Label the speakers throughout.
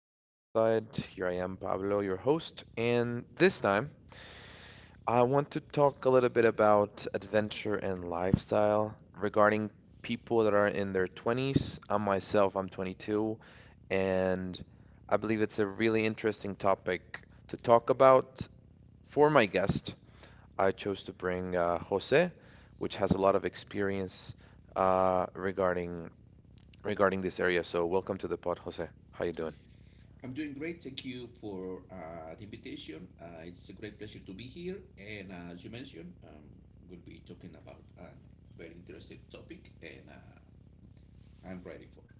Speaker 1: from Riverside. Here I am, Pablo, your host. And this time, I want to talk a little bit about adventure and lifestyle regarding people that are in their 20s. I myself, I'm 22, and I believe it's a really interesting topic to talk about. For my guest, I chose to bring Jose, which has a lot of experience uh, regarding regarding this area. So, welcome to the pod, Jose. How you doing?
Speaker 2: I'm doing great. Thank you for the invitation. It's a great pleasure to be here. And as you mentioned, we'll be talking about a very interesting topic, and I'm ready for it.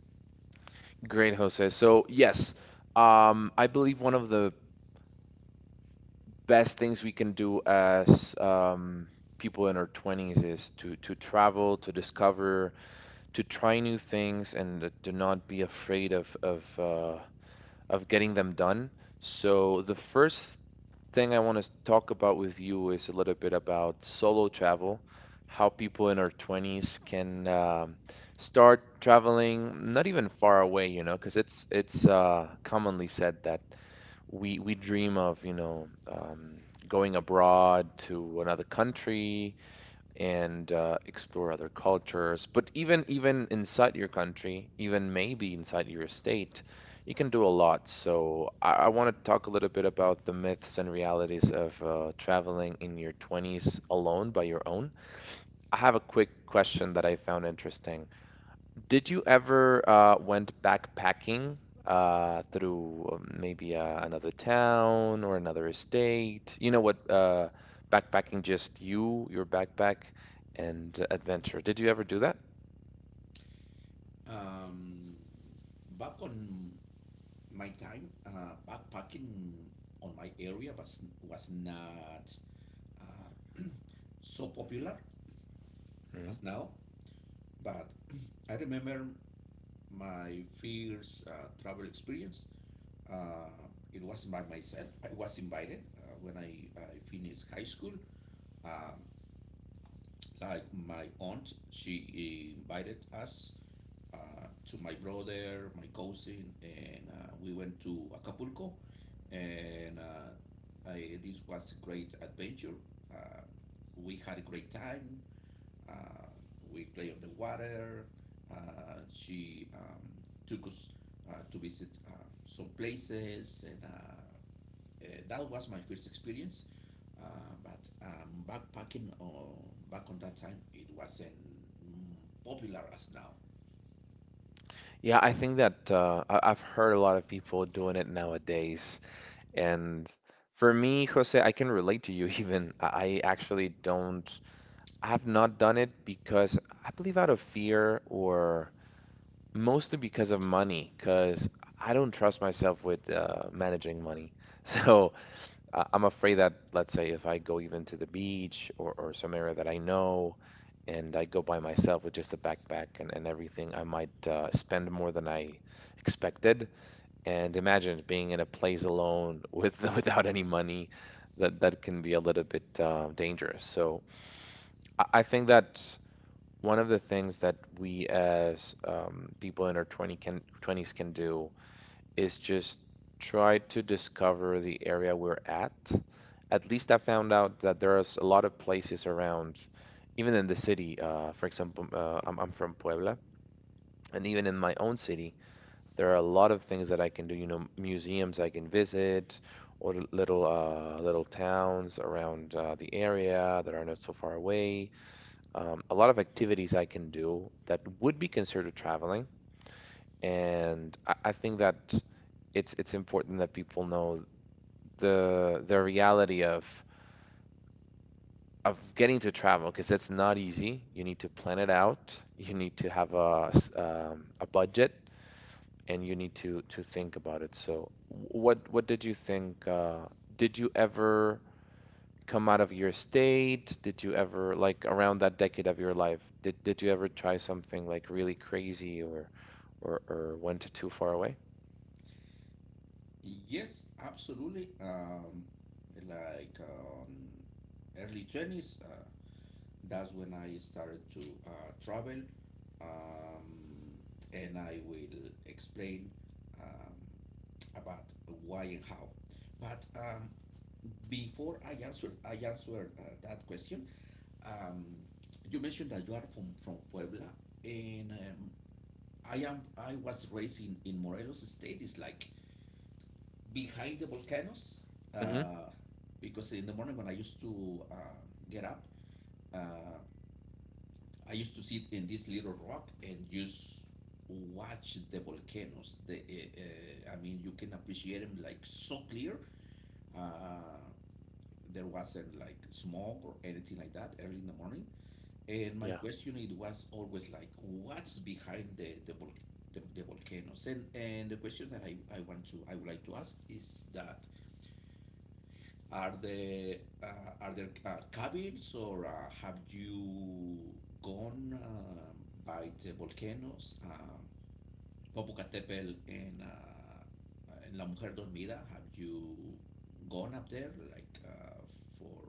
Speaker 1: Great, Jose. So, yes, I believe one of the best things we can do as people in our 20s is to travel, to discover, to try new things, and to not be afraid of getting them done. So, the first thing I want to talk about with you is a little bit about solo travel, how people in our 20s can start traveling, not even far away, you know, because it's commonly said that we dream of, you know, going abroad to another country, and explore other cultures. But even inside your country, even maybe inside your state, you can do a lot. So I want to talk a little bit about the myths and realities of traveling in your 20s alone by your own. I have a quick question that I found interesting. Did you ever went backpacking through maybe another town or another state? You know what? Backpacking, just you, your backpack, and adventure. Did you ever do that?
Speaker 2: Um, Back on my time, backpacking on my area was not uh, so popular
Speaker 1: Mhm.
Speaker 2: as now, but I remember my first travel experience. Uh, it was by myself. I was invited when I finished high school. Um, like my aunt, she invited us, to my brother, my cousin, and we went to Acapulco. And this was a great adventure. Uh, we had a great time. Uh, we played on the water. She took us to visit some places, and that was my first experience. Uh, but backpacking back on that time, it wasn't, mm, popular as now.
Speaker 1: Yeah, I think that I've heard a lot of people doing it nowadays. And for me, Jose, I can relate to you even. I actually don't, I have not done it because I believe out of fear or. Mostly because of money, because I don't trust myself with managing money. So I'm afraid that, let's say, if I go even to the beach or some area that I know and I go by myself with just a backpack and everything, I might spend more than I expected. And imagine being in a place alone with without any money, that can be a little bit dangerous. So I think that one of the things that we as people in our 20s can do is just try to discover the area we're at. At least I found out that there's a lot of places around, even in the city. For example, I'm from Puebla, and even in my own city, there are a lot of things that I can do. You know, museums I can visit, or little towns around the area that are not so far away, a lot of activities I can do that would be considered traveling. And I think that it's important that people know the reality of getting to travel because it's not easy. You need to plan it out. You need to have a budget, and you need to think about it. So, what did you think? Did you ever come out of your state? Did you ever like around that decade of your life, did you ever try something like really crazy or went too far away?
Speaker 2: Yes, absolutely. Like early 20s, that's when I started to travel. Um, and I will explain, um, about why and how. But before I answer that question. Um, you mentioned that you are from Puebla, and I was raised in Morelos State. It's like behind the volcanoes,
Speaker 1: Hmm.
Speaker 2: uh, because in the morning when I used to get up, uh, I used to sit in this little rock and just watch the volcanoes. I mean, you can appreciate them like so clear. Uh, there wasn't like smoke or anything like that early in the morning. And my
Speaker 1: Yeah.
Speaker 2: question it was always like, what's behind the volcanoes? And the question that I would like to ask is that are there cabins, or have you gone by the volcanoes, Popocatépetl and La Mujer Dormida? Have you gone up there like, for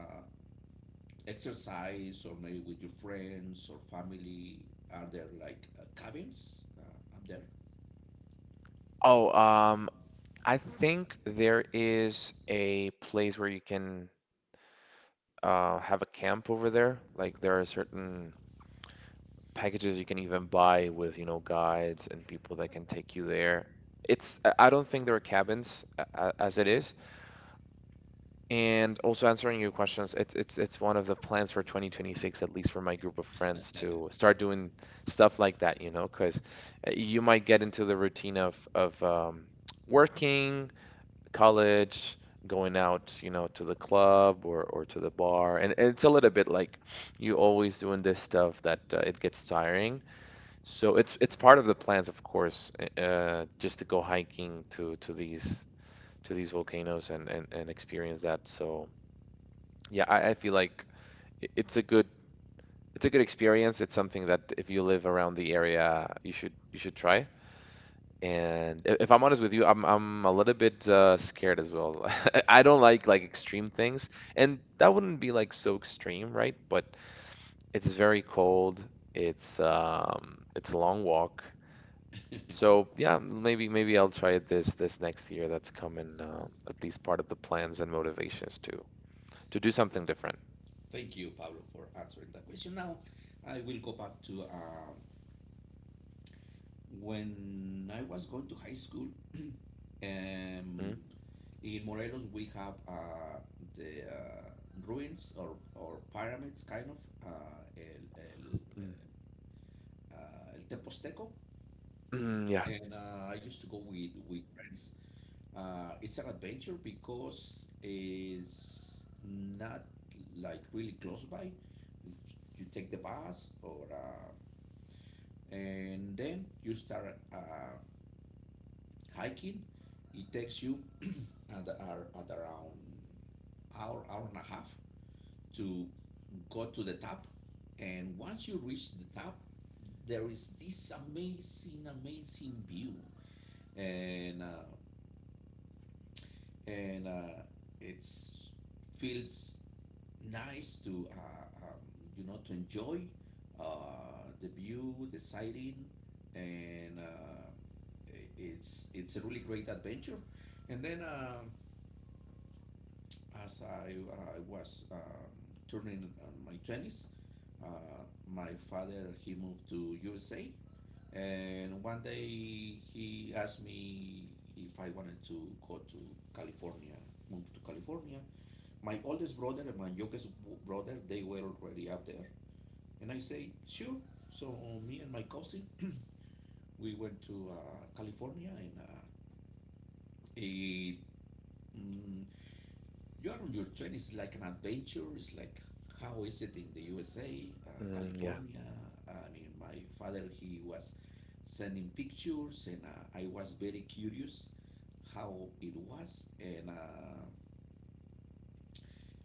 Speaker 2: uh, exercise or maybe with your friends or family? Are there like, cabins? Are there?
Speaker 1: Oh, I think there is a place where you can have a camp over there. Like there are certain packages you can even buy with, you know, guides and people that can take you there. It's I don't think there are cabins as it is. And also answering your questions, it's one of the plans for 2026, at least for my group of friends, to start doing stuff like that, you know, because you might get into the routine of working, college, going out, you know, to the club or to the bar, and it's a little bit like you always doing this stuff that it gets tiring. So it's part of the plans, of course, just to go hiking to these volcanoes and and experience that. So. Yeah, I feel like it's a good, it's a good experience. It's something that if you live around the area, you should try. And if I'm honest with you, I'm a little bit scared as well. I don't like extreme things, and that wouldn't be like so extreme, right? But it's very cold. It's a long walk. So yeah, maybe I'll try it this next year. That's coming, at least part of the plans and motivations to do something different.
Speaker 2: Thank you, Pablo, for answering that question. Now, I will go back to, when I was going to high school. um,
Speaker 1: Mm,
Speaker 2: in Morelos, we have the ruins, or pyramids, kind of, uh, El, El,
Speaker 1: mm.
Speaker 2: El Teposteco.
Speaker 1: Yeah.
Speaker 2: And I used to go with friends. It's an adventure because it's not like really close by. You take the bus, or and then you start hiking. It takes you at, at around hour and a half to go to the top. And once you reach the top, there is this amazing view, and uh, and it's feels nice to, to enjoy the view, the sighting, and it's a really great adventure. And then as I was turning my twenties. My father he moved to USA, and one day he asked me if I wanted to go to California, move to California. My oldest brother and my youngest brother they were already up there. And I say, sure. So me and my cousin, we went to California, and it, mm, you are on your twenties. It's like an adventure. It's like, how is it in the USA,
Speaker 1: Mm, yeah.
Speaker 2: California? I mean, my father he was sending pictures, and I was very curious how it was, and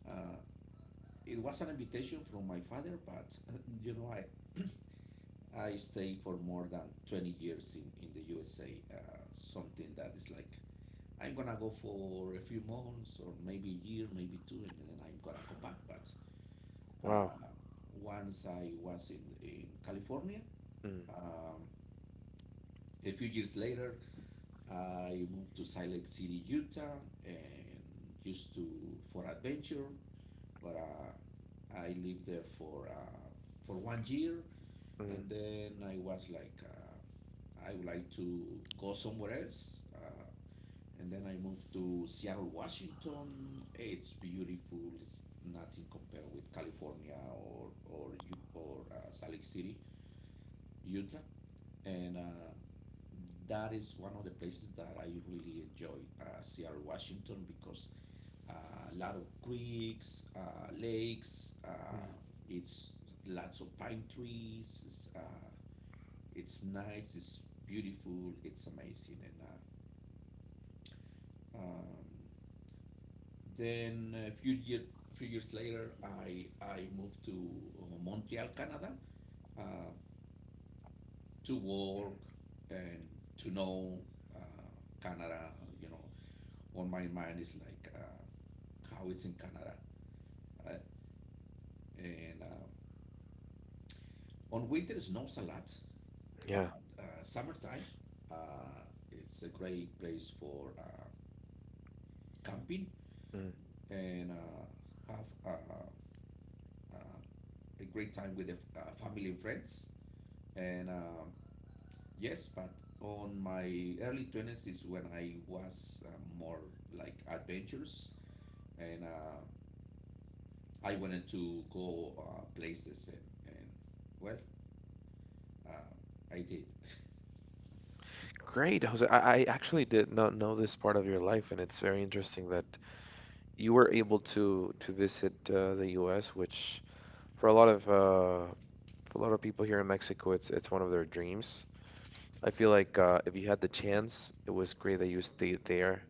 Speaker 2: uh, it was an invitation from my father. But you know, I I stayed for more than 20 years in the USA. Something that is like, I'm gonna go for a few months or maybe a year, maybe two, and then I'm gonna come back. But
Speaker 1: Wow.
Speaker 2: uh, once I was in California,
Speaker 1: Mm,
Speaker 2: um, a few years later, I moved to Salt Lake City, Utah, and used to for adventure. But I lived there for one year,
Speaker 1: mm,
Speaker 2: and then I was like. I would like to go somewhere else. And then I moved to Seattle, Washington. It's beautiful. It's nothing compared with California, or Salt Lake City, Utah. And that is one of the places that I really enjoy, Seattle, Washington, because a lot of creeks, lakes.
Speaker 1: mm,
Speaker 2: It's lots of pine trees. It's nice. It's beautiful. It's amazing. And Um, then few years later, I moved to Montreal, Canada, uh, to work and to know uh, Canada. You know, on my mind is like, how it's in Canada. Uh, and On winter it snows a lot,
Speaker 1: yeah.
Speaker 2: but summertime uh, it's a great place for camping
Speaker 1: Mm.
Speaker 2: and have uh, a great time with the family and friends. And yes, but on my early 20s is when I was more like adventures, and I wanted to go places and well, uh, I did.
Speaker 1: Great, Jose. I actually did not know this part of your life, and it's very interesting that you were able to visit the U.S., which for a lot of for a lot of people here in Mexico, it's one of their dreams. I feel like if you had the chance, it was great that you stayed there.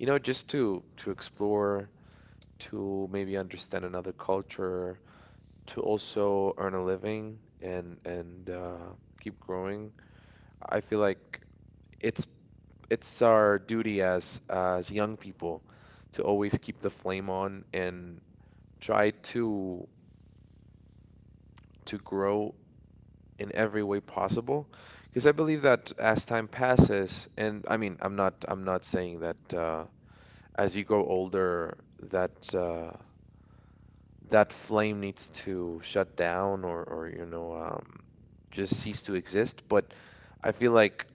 Speaker 1: You know, just to explore, to maybe understand another culture, to also earn a living and keep growing. I feel like it's it's our duty as young people to always keep the flame on and try to grow in every way possible. Because I believe that as time passes, and I mean, I'm not saying that as you grow older that that flame needs to shut down or you know just cease to exist. But I feel like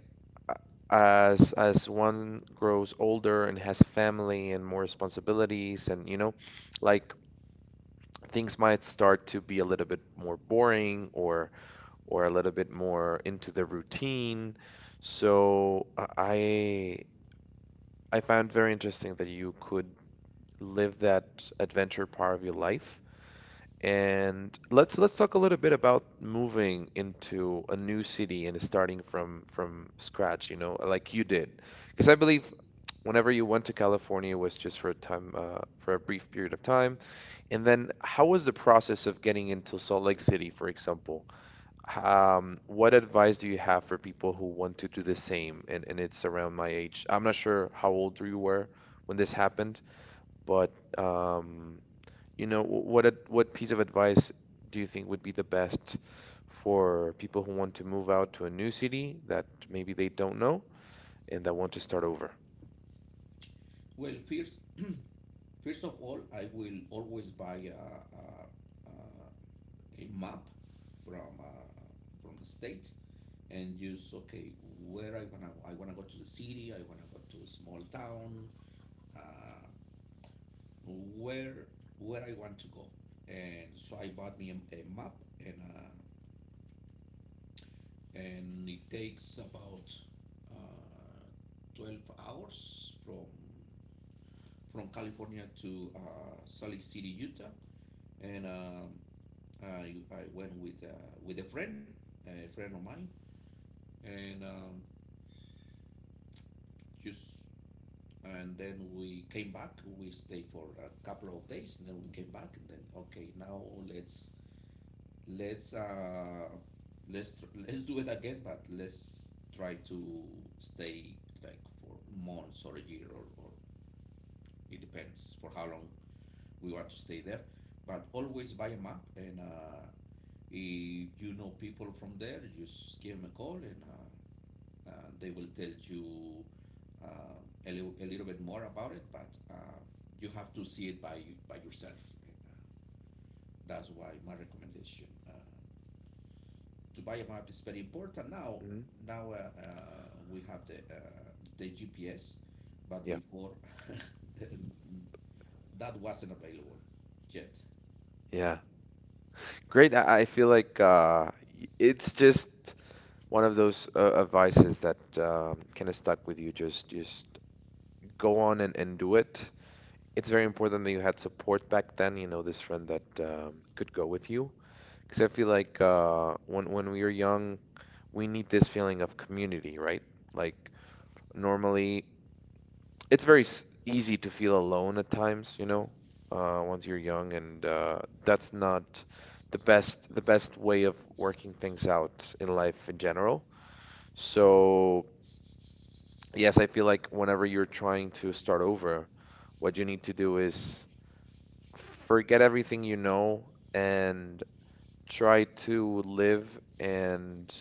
Speaker 1: as one grows older and has a family and more responsibilities and you know like things might start to be a little bit more boring or a little bit more into the routine, so I found very interesting that you could live that adventure part of your life. And let's talk a little bit about moving into a new city and starting from scratch, you know, like you did. Because I believe whenever you went to California it was just for a time, for a brief period of time. And then how was the process of getting into Salt Lake City, for example? What advice do you have for people who want to do the same? And it's around my age. I'm not sure how old you were when this happened, but um you know, what piece of advice do you think would be the best for people who want to move out to a new city that maybe they don't know and that want to start over?
Speaker 2: Well, first of all, I will always buy a map from uh, from the state and use, okay, where I wanna go. I wanna go to the city. I wanna go to a small town. Uh, where where I want to go. And so I bought me a map, and it takes about uh, 12 hours from California to Salt Lake City, Utah. And I went with a friend of mine, and just and then we came back. We stayed for a couple of days, and then we came back, and then okay, now Let's uh, let's do it again, but let's try to stay like for months or a year, or it depends for how long we want to stay there. But always buy a map, and if you know people from there, just give them a call, and they will tell you uh, a little bit more about it. But you have to see it by yourself. That's why my recommendation. To buy a map is very important now.
Speaker 1: Hmm.
Speaker 2: Now we have the GPS, but
Speaker 1: Yeah.
Speaker 2: before that wasn't available yet.
Speaker 1: Yeah. Great. I feel like it's just one of those advices that kind of stuck with you. Just go on and do it. It's very important that you had support back then, you know, this friend that could go with you. Because I feel like when we were young, we need this feeling of community, right? Like normally, easy to feel alone at times, you know, once you're young, and that's not the best, the best way of working things out in life in general. So yes, I feel like whenever you're trying to start over, what you need to do is forget everything you know and try to live and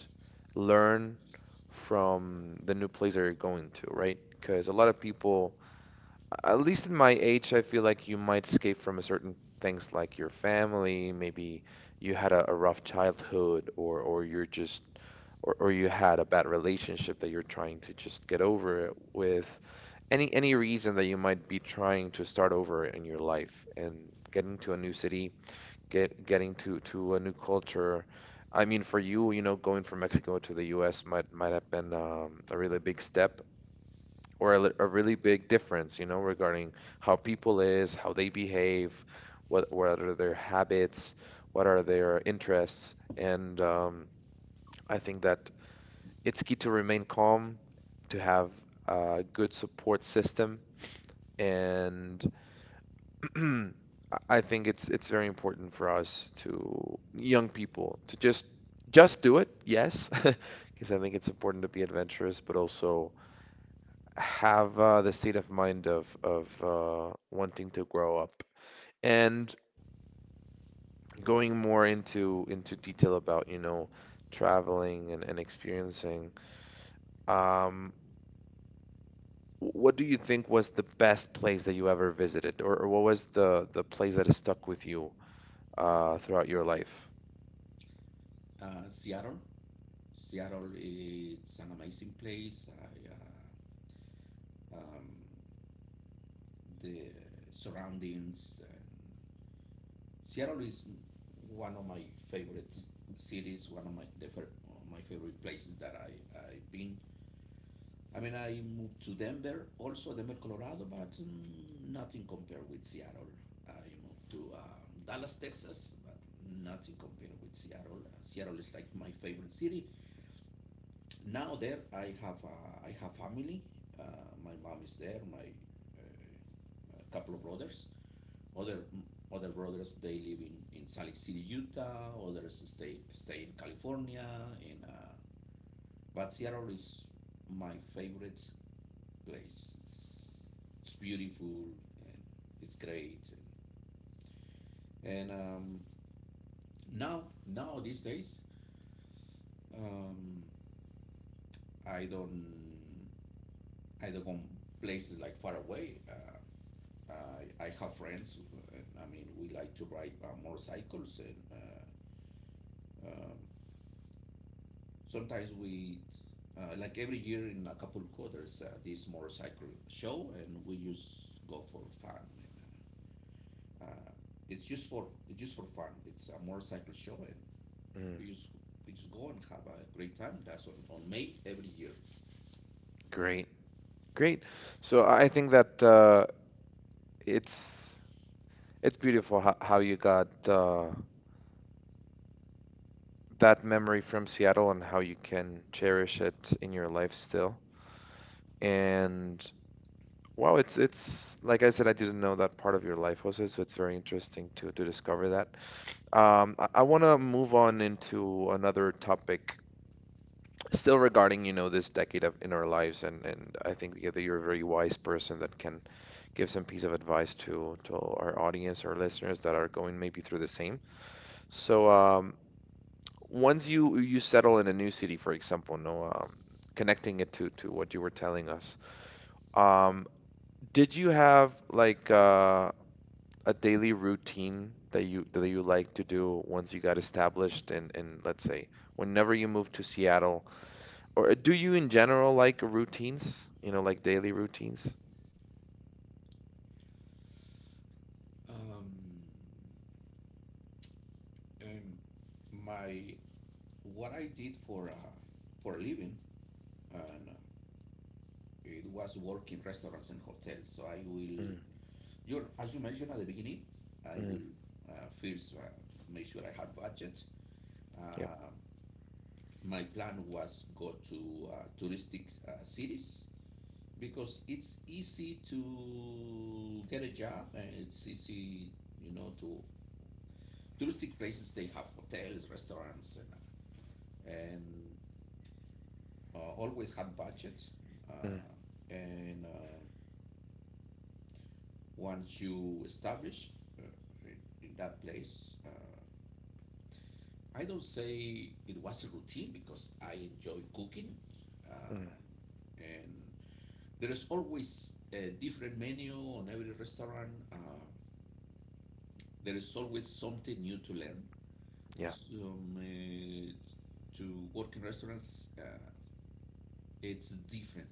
Speaker 1: learn from the new place that you're going to, right? Because a lot of people, at least in my age, I feel like you might escape from a certain things like your family, maybe you had a rough childhood, or you had a bad relationship that you're trying to just get over it with any reason that you might be trying to start over in your life and getting to a new city, getting to a new culture. I mean, for you, you know, going from Mexico to the U.S. might have been a really big step or a really big difference, you know, regarding how people is, how they behave, what are their habits, what are their interests, and I think that it's key to remain calm, to have a good support system, and I think it's very important for us to young people to just do it, yes, because I think it's important to be adventurous, but also have the state of mind of wanting to grow up and going more into detail about, you know, traveling and experiencing. Um, what do you think was the best place that you ever visited, or what was the place that has stuck with you throughout your life?
Speaker 2: Uh, Seattle, Seattle is an amazing place. Uh, um, the surroundings. And Seattle is one of my favorite cities. One of my favorite places that I've been. I mean, I moved to Denver, also Denver, Colorado, but, nothing compared with Seattle. I moved to Dallas, Texas, but nothing compared with Seattle. Seattle is like my favorite city. Now there, I have family. Uh, my mom is there. My uh, a couple of brothers. Other other brothers they live in Salt Lake City, Utah. Others stay in California. In but Seattle is my favorite place. It's beautiful and it's great. And now these days, um, I don't, I don't go places like far away. I have friends. I mean, we like to ride motorcycles, and um, sometimes like every year in Acapulco, there's this motorcycle show, and we just go for fun. And, Uh, it's just for It's just for fun. It's a motorcycle show, and
Speaker 1: Mm.
Speaker 2: we just we just go and have a great time. That's on May every year.
Speaker 1: Great, great. So I think that it's it's beautiful how you got that memory from Seattle and how you can cherish it in your life still. And wow, it's like I said, I didn't know that part of your life was it, so it's very interesting to discover that. I want to move on into another topic still regarding, you know, this decade of in our lives, and I think yeah, that you're a very wise person that can give some piece of advice to our audience or listeners that are going maybe through the same. So once you settle in a new city, for example, no, connecting it to what you were telling us, um, did you have like a daily routine that you like to do once you got established in let's say whenever you moved to Seattle? Or do you in general like routines? You know, like daily routines?
Speaker 2: Um, and my What I did for a living, and it was work in restaurants and hotels. So I will,
Speaker 1: Mm,
Speaker 2: you as you mentioned at the beginning, I
Speaker 1: mm,
Speaker 2: will first make sure I have budget.
Speaker 1: yep.
Speaker 2: Uh, my plan was go to touristic cities because it's easy to get a job, and it's easy, to touristic places they have hotels, restaurants, and always have budget. Uh,
Speaker 1: Mm,
Speaker 2: and Once you establish uh, in, in that place, I don't say it was a routine because I enjoy cooking.
Speaker 1: mm,
Speaker 2: um, and there is always a different menu on every restaurant. There is always something new to learn.
Speaker 1: yeah.
Speaker 2: Some To work in restaurants, it's different.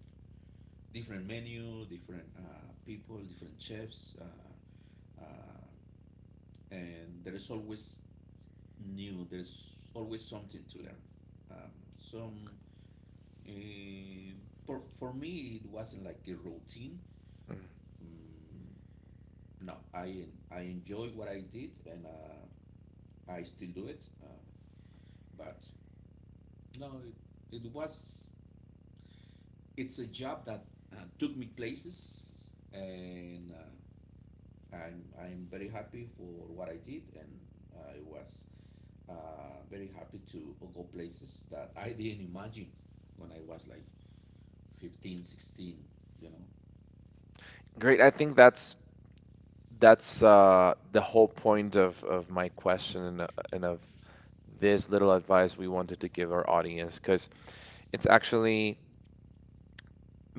Speaker 2: Different menu, different people, different chefs, uh, and there is always new. There's always something to learn. Um, some uh, for me, it wasn't like a routine.
Speaker 1: Mm.
Speaker 2: Mm, no, I enjoyed what I did, and I still do it. But no, it's a job that took me places, and I'm very happy for what I did, and I was very happy to go places that I didn't imagine when I was like 15, 16. You know,
Speaker 1: Great. I think that's that's the whole point of my question and of this little advice we wanted to give our audience because it's actually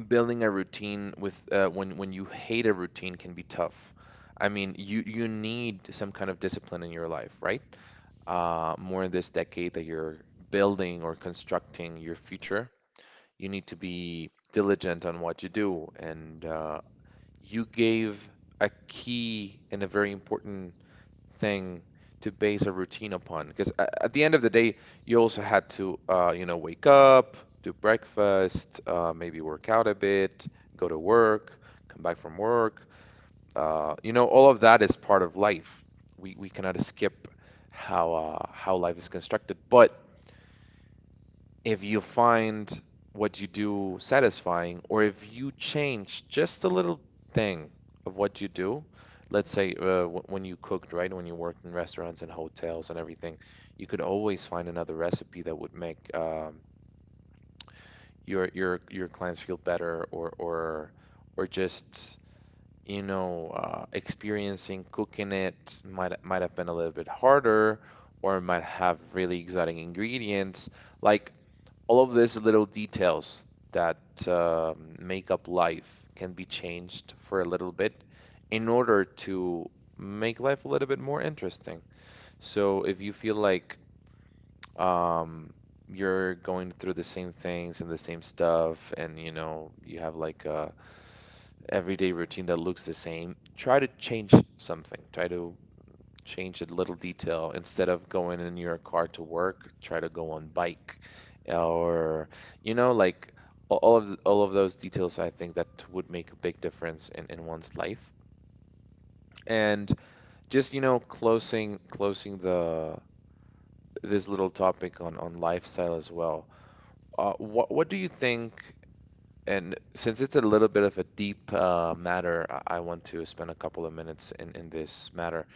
Speaker 1: building a routine with when you hate a routine can be tough. I mean, you need some kind of discipline in your life, right? More in this decade that you're building or constructing your future, you need to be diligent on what you do. And you gave a key and a very important thing to base a routine upon, because at the end of the day, you also had to, you know, wake up, do breakfast, maybe work out a bit, go to work, come back from work you know, all of that is part of life. We cannot escape how life is constructed. But if you find what you do satisfying, or if you change just a little thing of what you do, let's say w when you cooked, right, when you worked in restaurants and hotels and everything, you could always find another recipe that would make your clients feel better, or just you know, experiencing cooking it might have been a little bit harder, or it might have really exotic ingredients. Like all of these little details that make up life can be changed for a little bit in order to make life a little bit more interesting. So if you feel like um, you're going through the same things and the same stuff, and you know, you have like a everyday routine that looks the same, try to change something. Try to change a little detail. Instead of going in your car to work, try to go on bike or you know like all of those details I think that would make a big difference in one's life. And just you know closing the this little topic on lifestyle as well. What do you think and since it's a little bit of a deep matter, I want to spend a couple of minutes in this matter.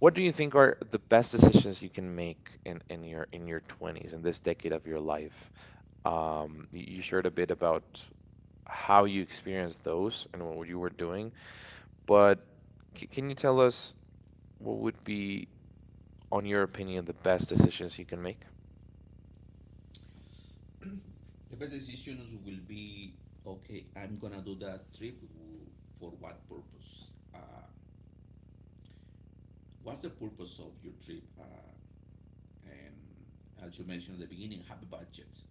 Speaker 1: What do you think are the best decisions you can make in your 20s, in this decade of your life? You shared a bit about how you experienced those and what you were doing, but c can you tell us what would be, on your opinion, the best decisions you can make?
Speaker 2: the best decisions will be. Okay, I'm gonna do that trip, for what purpose? What's the purpose of your trip? And as you mentioned at the beginning, have a budget.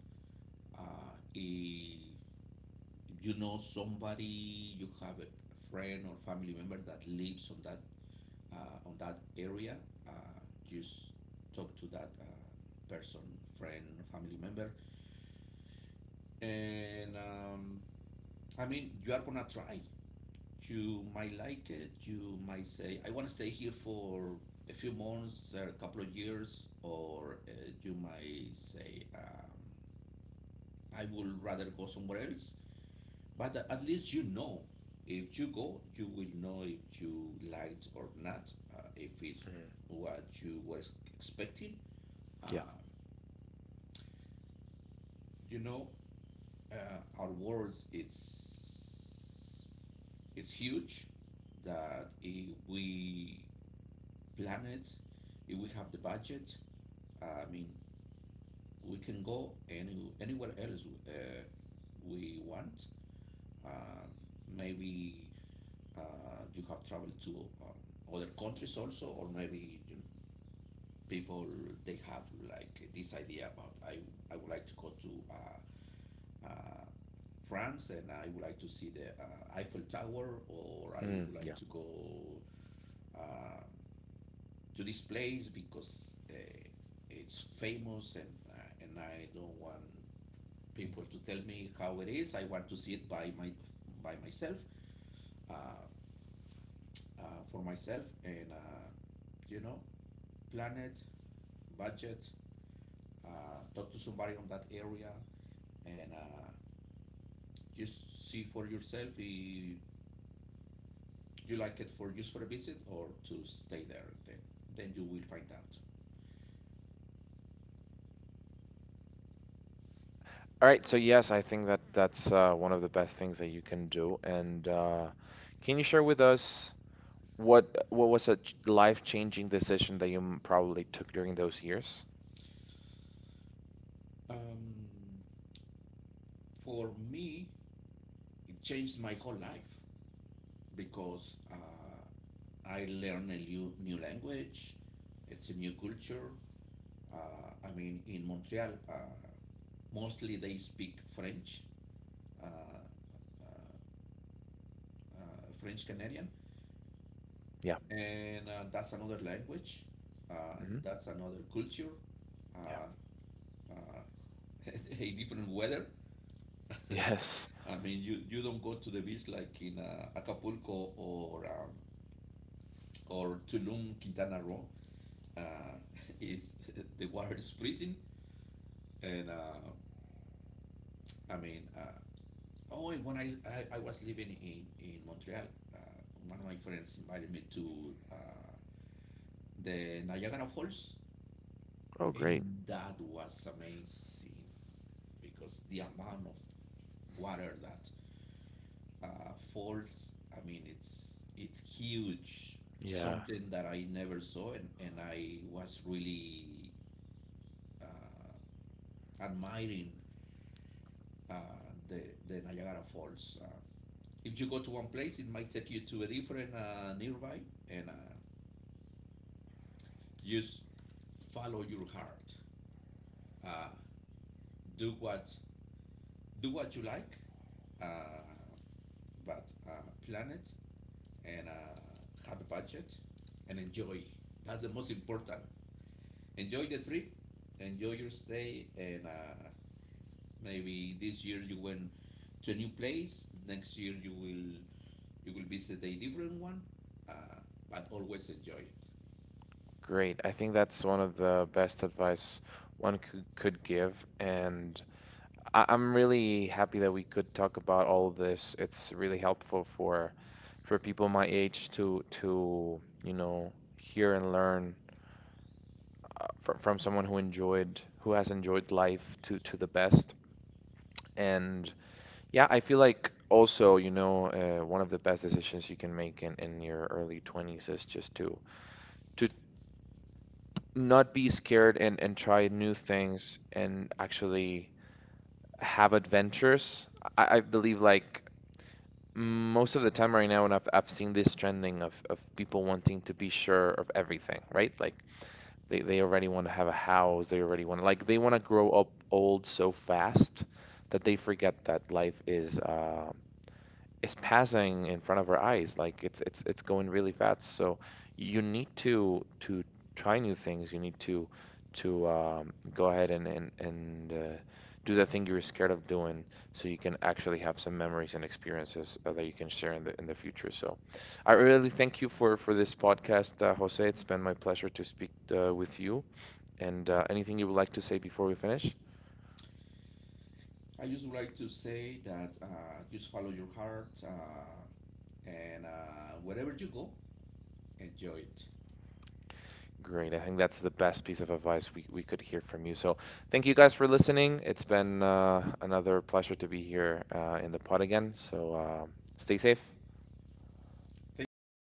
Speaker 2: Uh, if If you know somebody, you have a friend or family member that lives on that area, just talk to that person, friend, family member. And I mean, you are gonna try. You might like it. You might say, "I want to stay here for a few months, a couple of years," or you might say, "I would rather go somewhere else." But at least you know. If you go, you will know if you liked or not, if it's
Speaker 1: Mm,
Speaker 2: what you were expecting.
Speaker 1: yeah.
Speaker 2: Uh, you know, our world it's huge. That if we plan it, if we have the budget, I mean, we can go anywhere else uh, we want. Um maybe uh, you have traveled to other countries also, or maybe you know, people they have like this idea about, I would like to go to uh, France, and I would like to see the Eiffel Tower, or I
Speaker 1: Mm,
Speaker 2: would like
Speaker 1: yeah.
Speaker 2: to go uh, to this place because it's famous, and I don't want people to tell me how it is. I want to see it by myself, uh, uh, for myself. And you know, planet, budget, talk to somebody on that area, and just see for yourself if you like it for just for a visit or to stay there. Then you will find out.
Speaker 1: All right, so yes, I think that that's one of the best things that you can do. And can you share with us what was a life-changing decision that you probably took during those years?
Speaker 2: Um, for me, it changed my whole life because I learned a new language. It's a new culture. I mean, in Montreal, mostly they speak French, uh, uh, French Canadian,
Speaker 1: Yeah.
Speaker 2: and that's another language, uh,
Speaker 1: Hmm.
Speaker 2: that's another culture,
Speaker 1: Yeah.
Speaker 2: uh, uh, a different weather.
Speaker 1: Yes.
Speaker 2: I mean, you don't go to the beach like in Acapulco, or Tulum, Quintana Roo. Uh, is the water is freezing. And I mean, oh, and when I was living in Montreal, uh, one of my friends invited me to the Niagara Falls,
Speaker 1: Oh, great.
Speaker 2: and that was amazing. Because the amount of water that falls, I mean, it's huge.
Speaker 1: Yeah,
Speaker 2: Something that I never saw, and I was really uh, admiring uh, the the Niagara Falls. If you go to one place, it might take you to a different nearby. And just follow your heart. Uh, do what do what you like. Uh, but uh, plan it and have a budget and enjoy. That's the most important. Enjoy the trip, enjoy your stay, and maybe this year you went to a new place. Next year you will visit a different one, uh, but always enjoy it.
Speaker 1: great. I think that's one of the best advice one could give. And I'm really happy that we could talk about all of this. It's really helpful for people my age to you know, hear and learn from someone who enjoyed who has enjoyed life to the best. And yeah, I feel like also, you know, one of the best decisions you can make in your early 20s is just to not be scared and try new things and actually have adventures. I believe like most of the time right now, and I've seen this trending of people wanting to be sure of everything, right? Like they already want to have a house. They already want like they want to grow up old so fast that they forget that life is passing in front of our eyes. Like it's it's going really fast. So you need to try new things. You need to go ahead and do that thing you were scared of doing, so you can actually have some memories and experiences that you can share in the future. So. I really thank you for this podcast, Jose. It's been my pleasure to speak with you, and anything you would like to say before we finish?
Speaker 2: I just would like to say that just follow your heart, and wherever you go, enjoy it.
Speaker 1: Great. I think that's the best piece of advice we could hear from you. So thank you guys for listening. It's been another pleasure to be here in the pod again. So stay safe.
Speaker 2: Thank you, Pablo, for